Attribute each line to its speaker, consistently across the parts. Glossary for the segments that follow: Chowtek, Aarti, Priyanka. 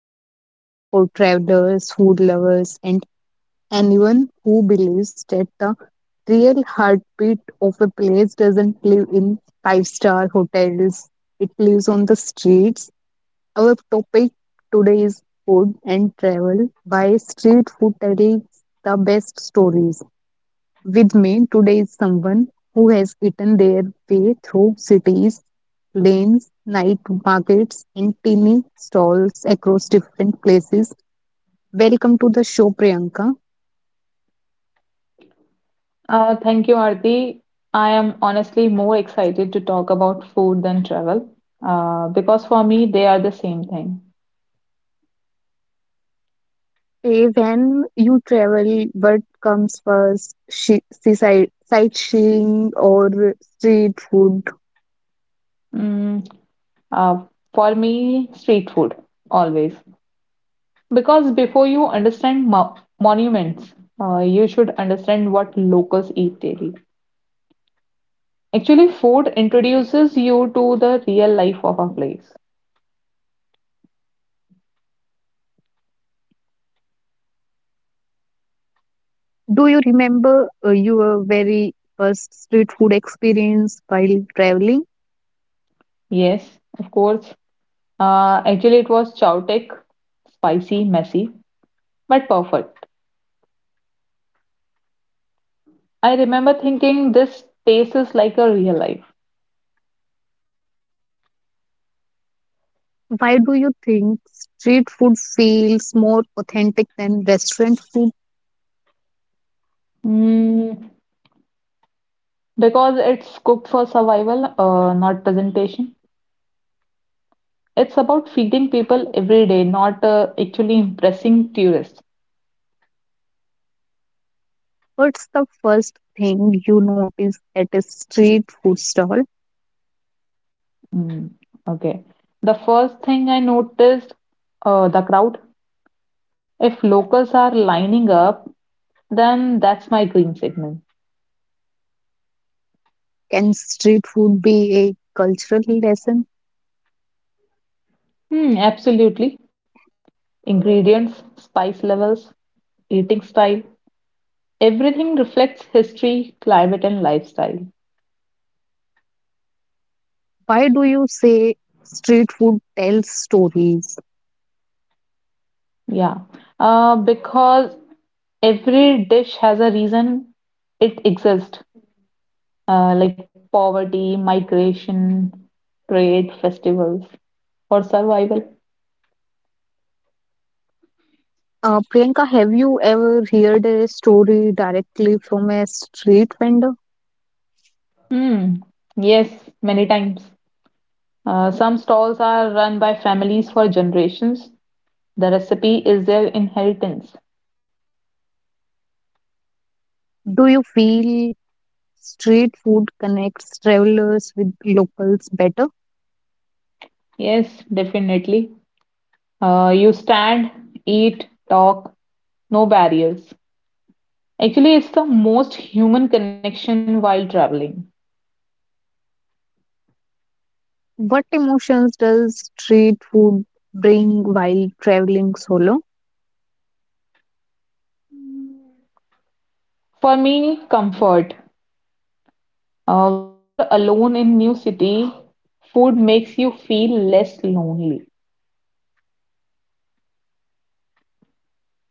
Speaker 1: episode is for travelers, food lovers, and anyone who believes that the real heartbeat of a place doesn't live in five-star hotels, it lives on the streets. Our topic today is food and travel. Why street food tells the best stories. With me today is someone who has eaten their way through cities, lanes, night markets, and teeny stalls across different places. Welcome to the show, Priyanka.
Speaker 2: Thank you, Aarti. I am honestly more excited to talk about food than travel, because for me, they are the same thing.
Speaker 1: Hey, when you travel, what comes first? She, seaside, sightseeing or street food?
Speaker 2: Mm, uh, for me, street food, always. Because before you understand mo monuments, you should understand what locals eat daily. Actually, food introduces you to the real life of a place.
Speaker 1: Do you remember your very first street food experience while traveling?
Speaker 2: Yes, of course. Actually, it was Chowtek, spicy, messy, but perfect. I remember thinking this tastes like a real life.
Speaker 1: Why do you think street food feels more authentic than restaurant food?
Speaker 2: Mm, because it's cooked for survival, not presentation. It's about feeding people every day, not actually impressing tourists.
Speaker 1: What's the first thing you notice at a street food stall?
Speaker 2: Mm, okay. The first thing I noticed, the crowd. If locals are lining up, then that's my green signal.
Speaker 1: Can street food be a cultural lesson?
Speaker 2: Hmm, absolutely. Ingredients, spice levels, eating style, everything reflects history, climate, and lifestyle.
Speaker 1: Why do you say street food tells stories?
Speaker 2: Yeah, because every dish has a reason it exists, like poverty, migration, trade, festivals, or survival.
Speaker 1: Priyanka, have you ever heard a story directly from a street vendor?
Speaker 2: Hmm. Yes, many times. Some stalls are run by families for generations. The recipe is their inheritance.
Speaker 1: Do you feel street food connects travelers with locals better?
Speaker 2: Yes, definitely. You stand, eat, talk, no barriers. Actually, it's the most human connection while traveling.
Speaker 1: What emotions does street food bring while traveling solo?
Speaker 2: For me, comfort. When you are alone in new city, food makes you feel less lonely.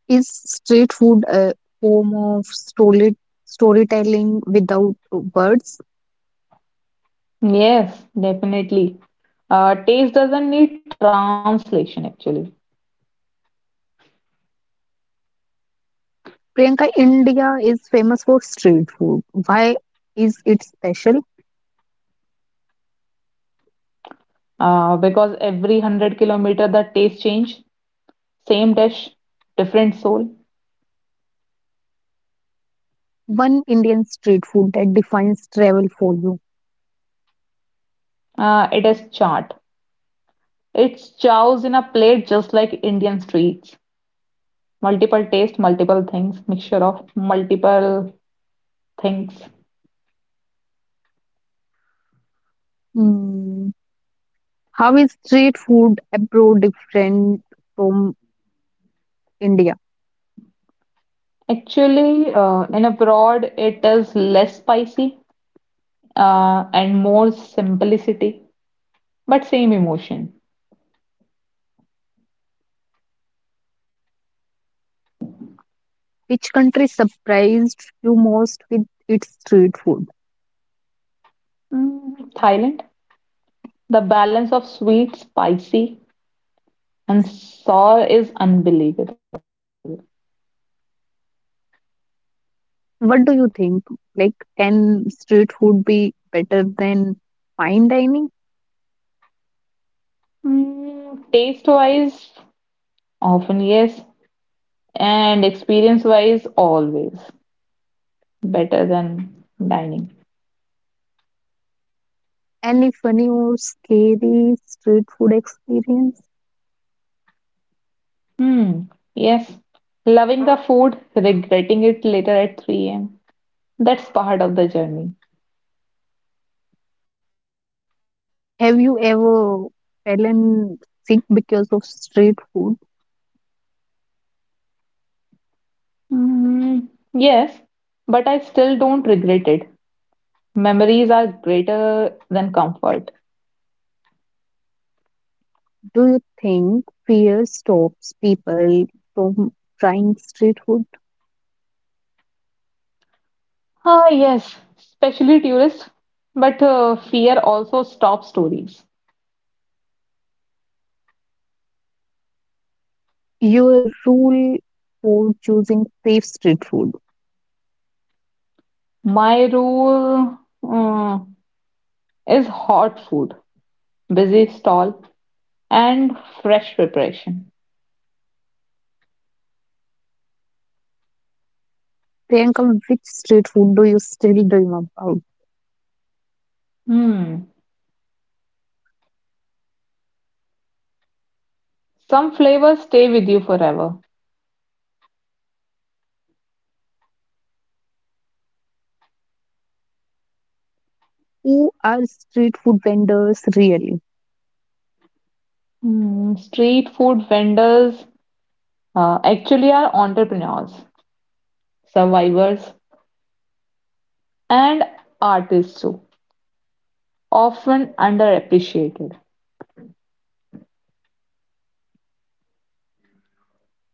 Speaker 1: Is street food a form of story, storytelling without words?
Speaker 2: Yes, definitely. Taste doesn't need translation actually,
Speaker 1: Priyanka, India is famous for street food. Why is it special?
Speaker 2: because every hundred kilometer the taste change, same dish, different soul.
Speaker 1: One Indian street food that defines travel for you.
Speaker 2: It is chaat. It's chows in a plate just like Indian streets. Multiple taste, multiple things, mixture of multiple things.
Speaker 1: Mm. How is street food abroad different from India?
Speaker 2: Actually, in abroad, it is less spicy and more simplicity, but same emotion.
Speaker 1: Which country surprised you most with its street food?
Speaker 2: Mm, Thailand, the balance of sweet, spicy, and sour is unbelievable.
Speaker 1: What do you think? Like, can street food be better than fine dining?
Speaker 2: Mm, taste-wise, often yes, and experience-wise, always better than dining.
Speaker 1: Any funny or scary street food experience?
Speaker 2: Hmm, yes, loving the food, regretting it later at 3 a.m. That's part of the journey.
Speaker 1: Have you ever fallen sick because of street food?
Speaker 2: Mm, yes, but I still don't regret it. Memories are greater than comfort.
Speaker 1: Do you think fear stops people from trying street food?
Speaker 2: Ah, yes, especially tourists. But fear also stops stories.
Speaker 1: Your rule for choosing safe street food.
Speaker 2: My rule uh, is hot food, busy stall, and fresh preparation.
Speaker 1: Priyanka, which street food do you still dream about?
Speaker 2: Hmm. Some flavors stay with you forever.
Speaker 1: Who are street food vendors really?
Speaker 2: Hmm. Street food vendors actually are entrepreneurs, survivors, and artists too, often underappreciated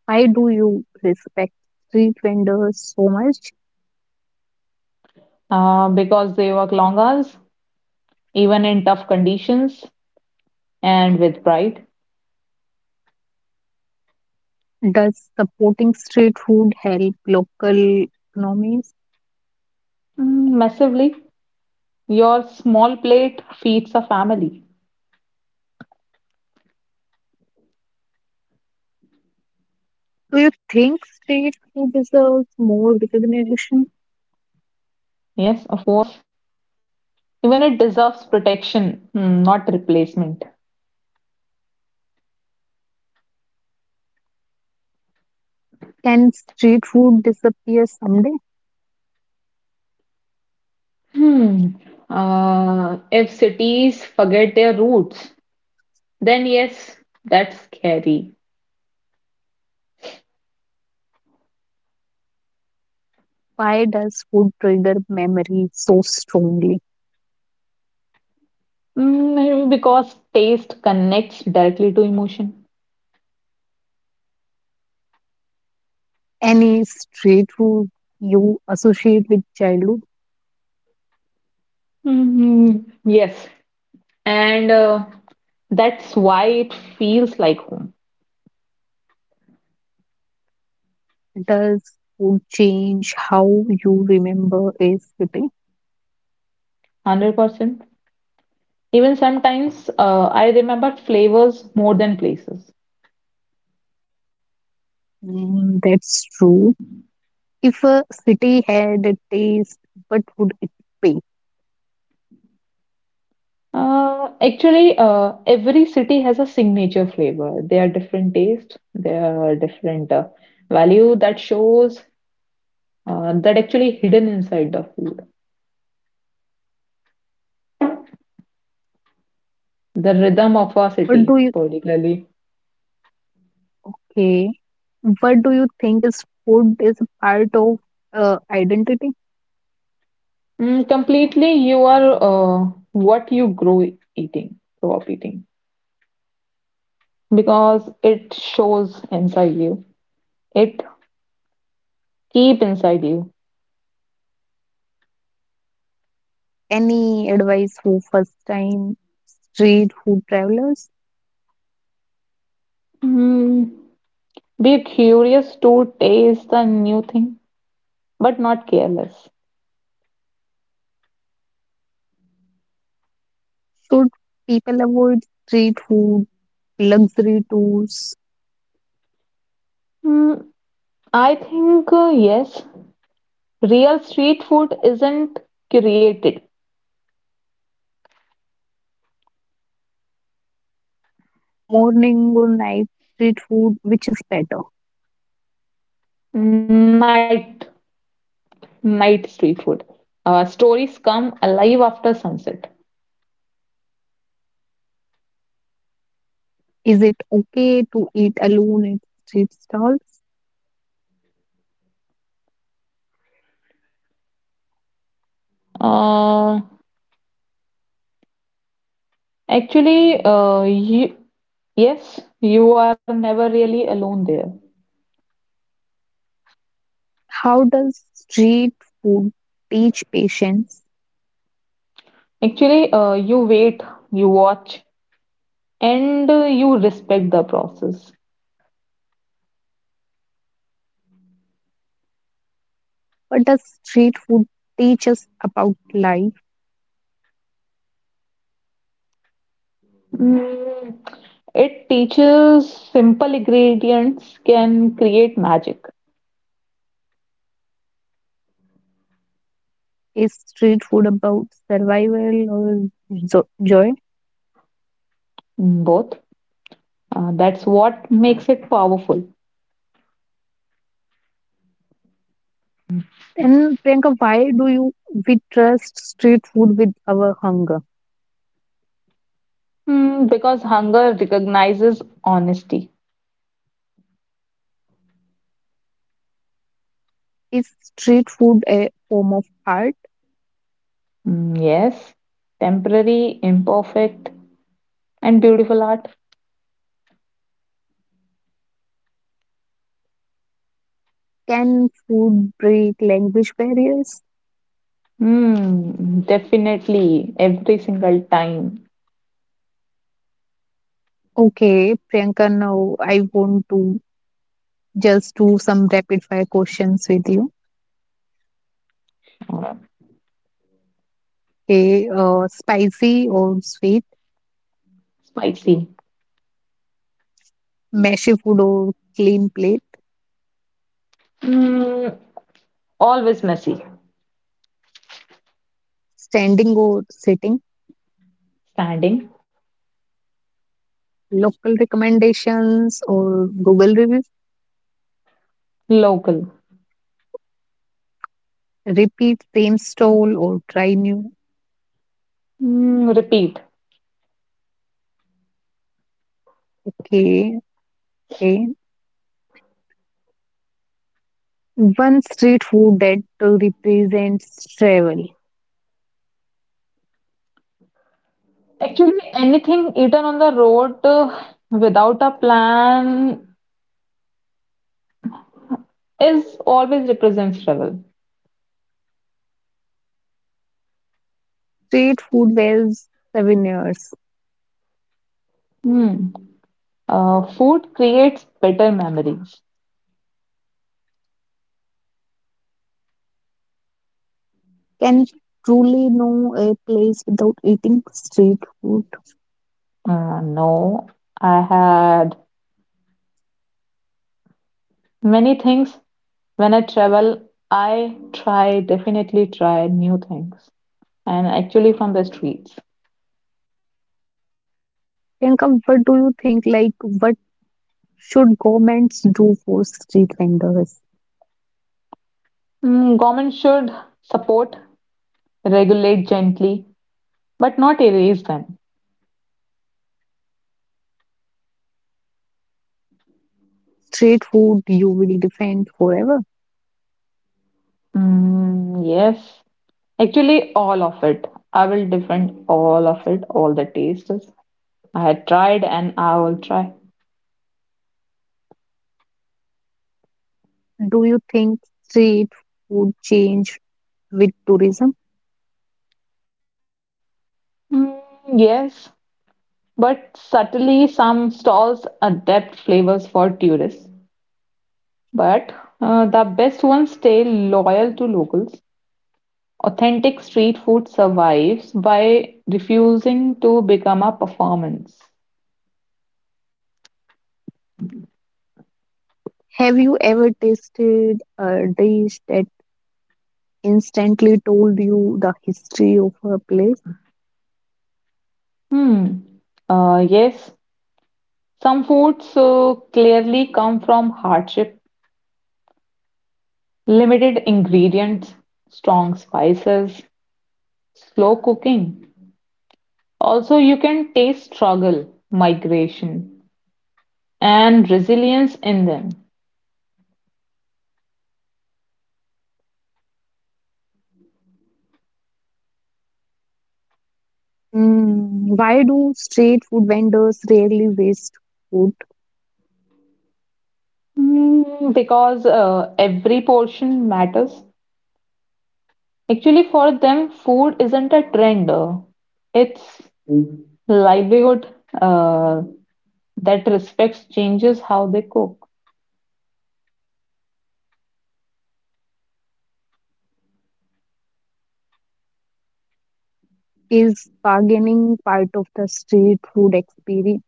Speaker 1: Why do you respect street vendors so much?
Speaker 2: because they work long hours, even in tough conditions, and with pride.
Speaker 1: Does supporting street food help local economies?
Speaker 2: Mm, massively, your small plate feeds a family.
Speaker 1: Do you think street food deserves more recognition?
Speaker 2: Yes, of course. Even it deserves protection, mm, not replacement.
Speaker 1: Can street food disappear someday?
Speaker 2: Hmm. If cities forget their roots, then yes, that's scary.
Speaker 1: Why does food trigger memory so strongly?
Speaker 2: Mm, maybe because taste connects directly to emotion.
Speaker 1: Any street food you associate with childhood?
Speaker 2: Mhm. Yes. And that's why it feels like home.
Speaker 1: Does food change how you remember a city?
Speaker 2: 100%. Even sometimes I remember flavors more than places.
Speaker 1: Mm, that's true. If a city had a taste, what would it be?
Speaker 2: Every city has a signature flavor. They are different taste, they are different value that shows that actually hidden inside the food. The rhythm of a
Speaker 1: What
Speaker 2: city,
Speaker 1: do you
Speaker 2: particularly.
Speaker 1: okay? What do you think is food is part of identity?
Speaker 2: Mm, completely, you are what you grow eating, grow up eating. Because it shows inside you. It keep inside you.
Speaker 1: Any advice for first time street food travelers?
Speaker 2: Mm, be curious to taste the new thing, but not careless.
Speaker 1: Should people avoid street food, luxury tours,
Speaker 2: Mm, I think yes, real street food isn't created.
Speaker 1: morning or night street food, which is better?
Speaker 2: Night, Night street food. Stories come alive after sunset.
Speaker 1: Is it okay to eat alone at street stalls?
Speaker 2: Uh, actually, uh, you, yes, you are never really alone there.
Speaker 1: How does street food teach patience?
Speaker 2: Actually, you wait, you watch, and you respect the process.
Speaker 1: What does street food teach us about life?
Speaker 2: Mm, it teaches simple ingredients can create magic,
Speaker 1: Is street food about survival or joy?
Speaker 2: both. That's what makes it powerful.
Speaker 1: And Priyanka, why do you we trust street food with our hunger?
Speaker 2: Mm, because hunger recognizes honesty.
Speaker 1: Is street food a form of art?
Speaker 2: Mm, yes, temporary, imperfect, and beautiful art.
Speaker 1: Can food break language barriers?
Speaker 2: Mm, definitely, every single time.
Speaker 1: Okay, Priyanka, now I want to just do some rapid fire questions with you.
Speaker 2: Uh,
Speaker 1: Okay, spicy or sweet,
Speaker 2: Spicy.
Speaker 1: messy food or clean plate,
Speaker 2: Mm, always messy.
Speaker 1: standing or sitting,
Speaker 2: Standing.
Speaker 1: local recommendations or Google reviews,
Speaker 2: Local.
Speaker 1: repeat same stall or try new.
Speaker 2: Mm, repeat.
Speaker 1: Okay, okay. One street food that represents travel.
Speaker 2: Actually, anything eaten on the road without a plan is always represents trouble.
Speaker 1: Street food wears souvenirs.
Speaker 2: Hmm. Food creates better memories.
Speaker 1: Can you truly know a place without eating street food?
Speaker 2: No, I had many things. When I travel, definitely try new things. And actually from the streets.
Speaker 1: Priyanka, what do you think? Like, what should governments do for street vendors?
Speaker 2: Mm, government should support, regulate gently, but not erase them.
Speaker 1: Street food you will defend forever.
Speaker 2: Mm, yes, actually, all of it. I will defend all of it, all the tastes. I had tried and I will try.
Speaker 1: Do you think street food change with tourism?
Speaker 2: Mm, yes, but subtly, some stalls adapt flavors for tourists. But the best ones stay loyal to locals. Authentic street food survives by refusing to become a performance.
Speaker 1: Have you ever tasted a dish that instantly told you the history of a place?
Speaker 2: Hmm. Yes, some foods so clearly come from hardship, limited ingredients, strong spices, slow cooking. Also, you can taste struggle, migration, and resilience in them.
Speaker 1: Mm, why do street food vendors rarely waste food?
Speaker 2: Mm, because every portion matters. Actually, for them, food isn't a trend, it's livelihood uh, that respects changes how they cook.
Speaker 1: Is bargaining part of the street food experience?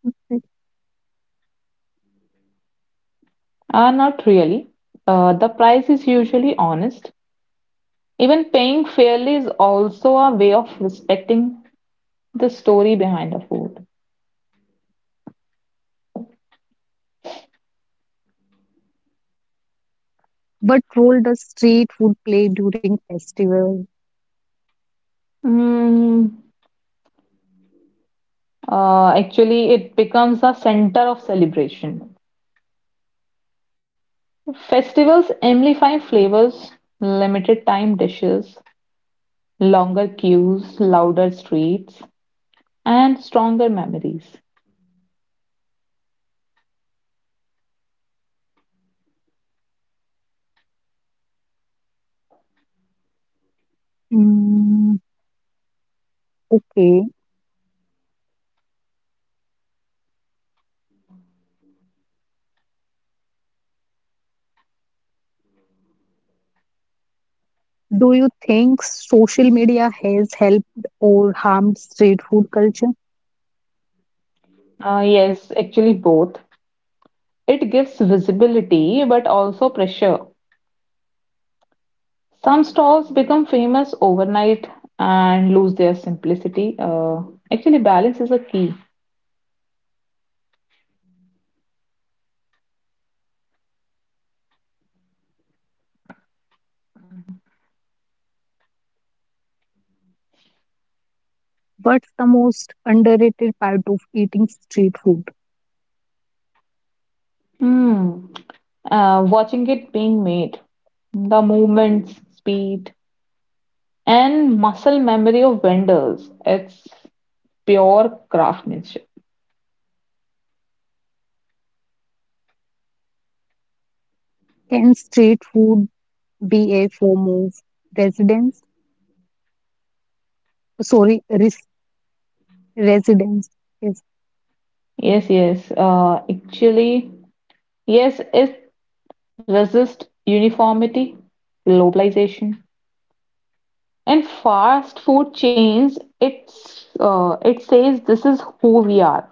Speaker 2: Not really. The price is usually honest. Even paying fairly is also a way of respecting the story behind the food.
Speaker 1: What role does street food play during festival?
Speaker 2: Mm, Actually, it becomes a center of celebration. Festivals amplify flavors, limited time dishes, longer queues, louder streets, and stronger memories.
Speaker 1: Mm, okay. Do you think social media has helped or harmed street food culture?
Speaker 2: Yes, actually, both. It gives visibility but also pressure. Some stalls become famous overnight and lose their simplicity. Actually, balance is a key.
Speaker 1: What's the most underrated part of eating street food?
Speaker 2: Hmm. Watching it being made, the movements, speed, and muscle memory of vendors, it's pure craftsmanship.
Speaker 1: Can street food be a form of residence? Sorry, Residence. Yes.
Speaker 2: Yes, yes. Actually, yes, it resists uniformity, globalization, and fast food chains. It says this is who we are.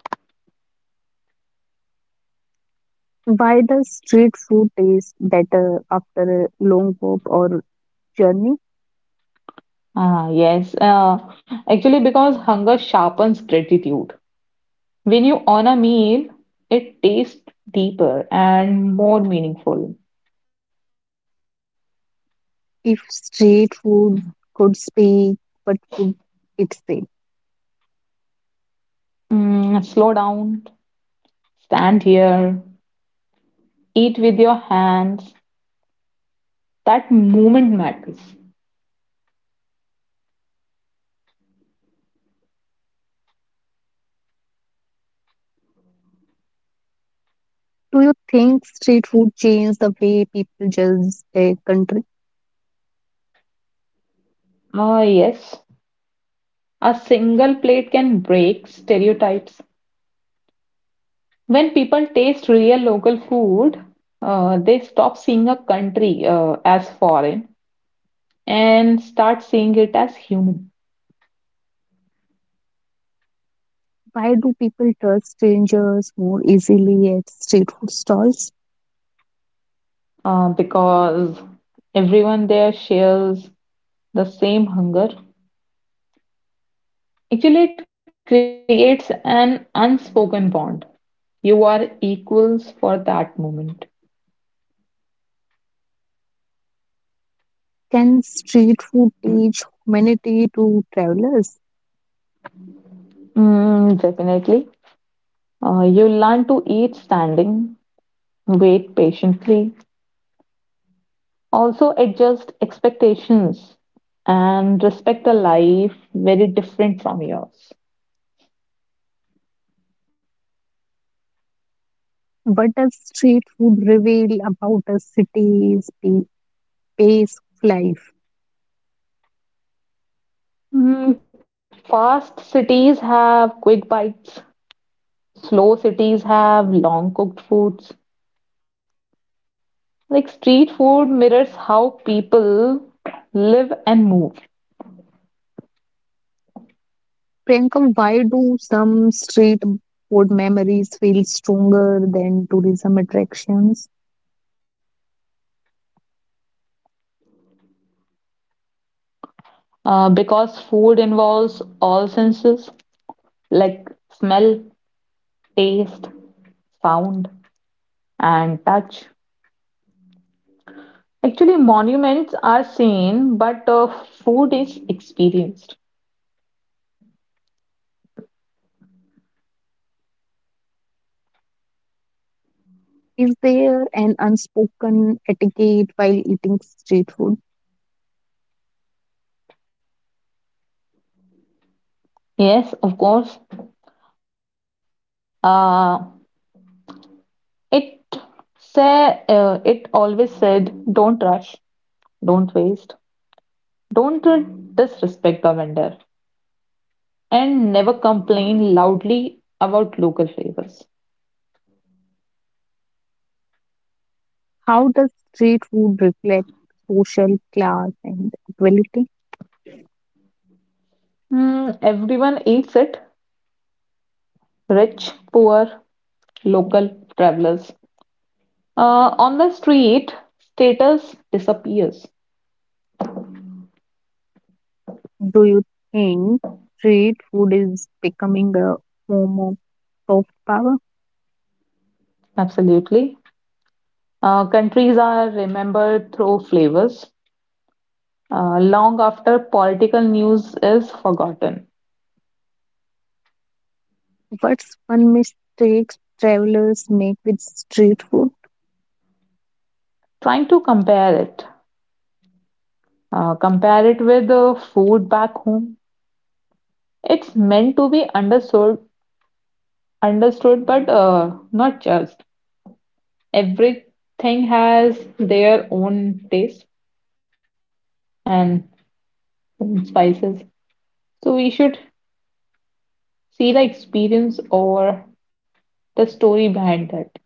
Speaker 1: Why does street food taste better after a long walk or journey?
Speaker 2: Ah, yes. Actually, because hunger sharpens gratitude. When you honor meal, it tastes deeper and more meaningful.
Speaker 1: If street food could speak, what would it say?
Speaker 2: Mm, slow down, stand here, eat with your hands. That moment matters.
Speaker 1: Do you think street food changed the way people judge a country?
Speaker 2: Ah, yes. A single plate can break stereotypes. When people taste real local food, they stop seeing a country as foreign and start seeing it as human.
Speaker 1: Why do people trust strangers more easily at street food stalls?
Speaker 2: Because everyone there shares the same hunger. Actually, it creates an unspoken bond. You are equals for that moment.
Speaker 1: Can street food teach humanity to travelers?
Speaker 2: Mm, definitely. You learn to eat standing, wait patiently, also adjust expectations and respect a life very different from yours.
Speaker 1: What does street food reveal about a city's pace of life?
Speaker 2: Mm, fast cities have quick bites, slow cities have long cooked foods, like street food mirrors how people live and move
Speaker 1: Priyanka, why do some street food memories feel stronger than tourism attractions?
Speaker 2: because food involves all senses like smell, taste, sound, and touch. Actually, monuments are seen, but food is experienced.
Speaker 1: Is there an unspoken etiquette while eating street food?
Speaker 2: Yes, of course. Uh, it it always said, don't rush, don't waste, don't disrespect the vendor. And never complain loudly about local flavors.
Speaker 1: How does street food reflect social class and equality?
Speaker 2: Mm, everyone eats it, rich, poor, local, travelers. On the street, status disappears.
Speaker 1: Do you think street food is becoming a form of soft power?
Speaker 2: Absolutely. Countries are remembered through flavors, long after political news is forgotten.
Speaker 1: What's one mistake travelers make with street food?
Speaker 2: Trying to compare it, Compare it with the food back home. It's meant to be understood, but not judged. Everything has their own taste and own spices. So we should see the experience or the story behind that.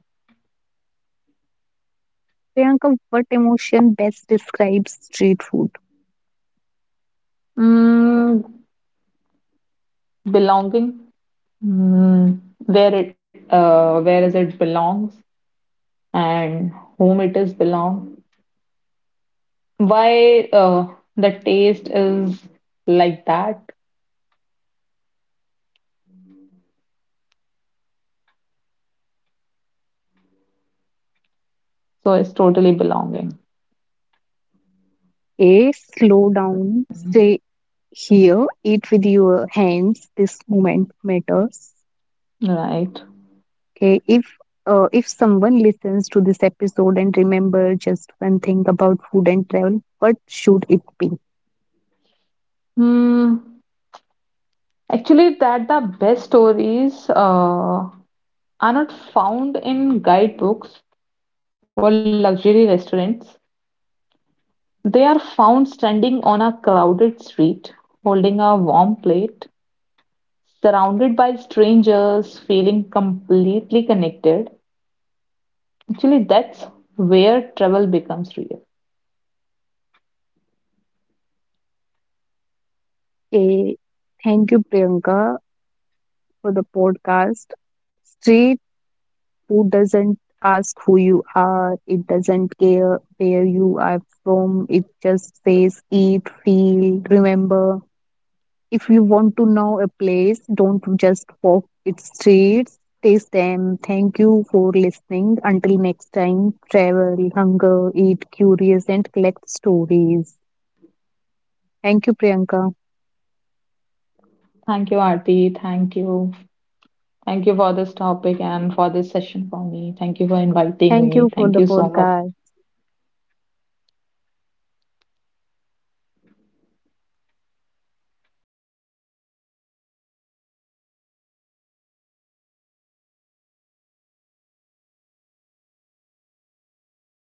Speaker 1: Priyanka, what emotion best describes street food?
Speaker 2: Mm, belonging, mm, where is it belongs and whom it is belong. Why the taste is like that. So it's totally belonging,
Speaker 1: A. Slow down, stay here, eat with your hands. This moment matters.
Speaker 2: right?
Speaker 1: Okay, if if someone listens to this episode and remember just one thing about food and travel, what should it be?
Speaker 2: Hmm. Actually, that the best stories are not found in guidebooks or luxury restaurants. They are found standing on a crowded street, holding a warm plate, surrounded by strangers, feeling completely connected. Actually, that's where travel becomes real.
Speaker 1: A. Thank you, Priyanka, for the podcast. Street food doesn't ask who you are. It doesn't care where you are from. It just says eat, feel, remember. If you want to know a place, don't just walk its streets, taste them. Thank you for listening. Until next time, travel, hunger, eat, curious, and collect stories. Thank you, Priyanka.
Speaker 2: Thank you, Aarti. Thank you. Thank you for this topic and for this session for me. Thank you for inviting
Speaker 1: Thank
Speaker 2: me.
Speaker 1: you for
Speaker 2: Thank
Speaker 1: the
Speaker 2: you so much.
Speaker 1: podcast.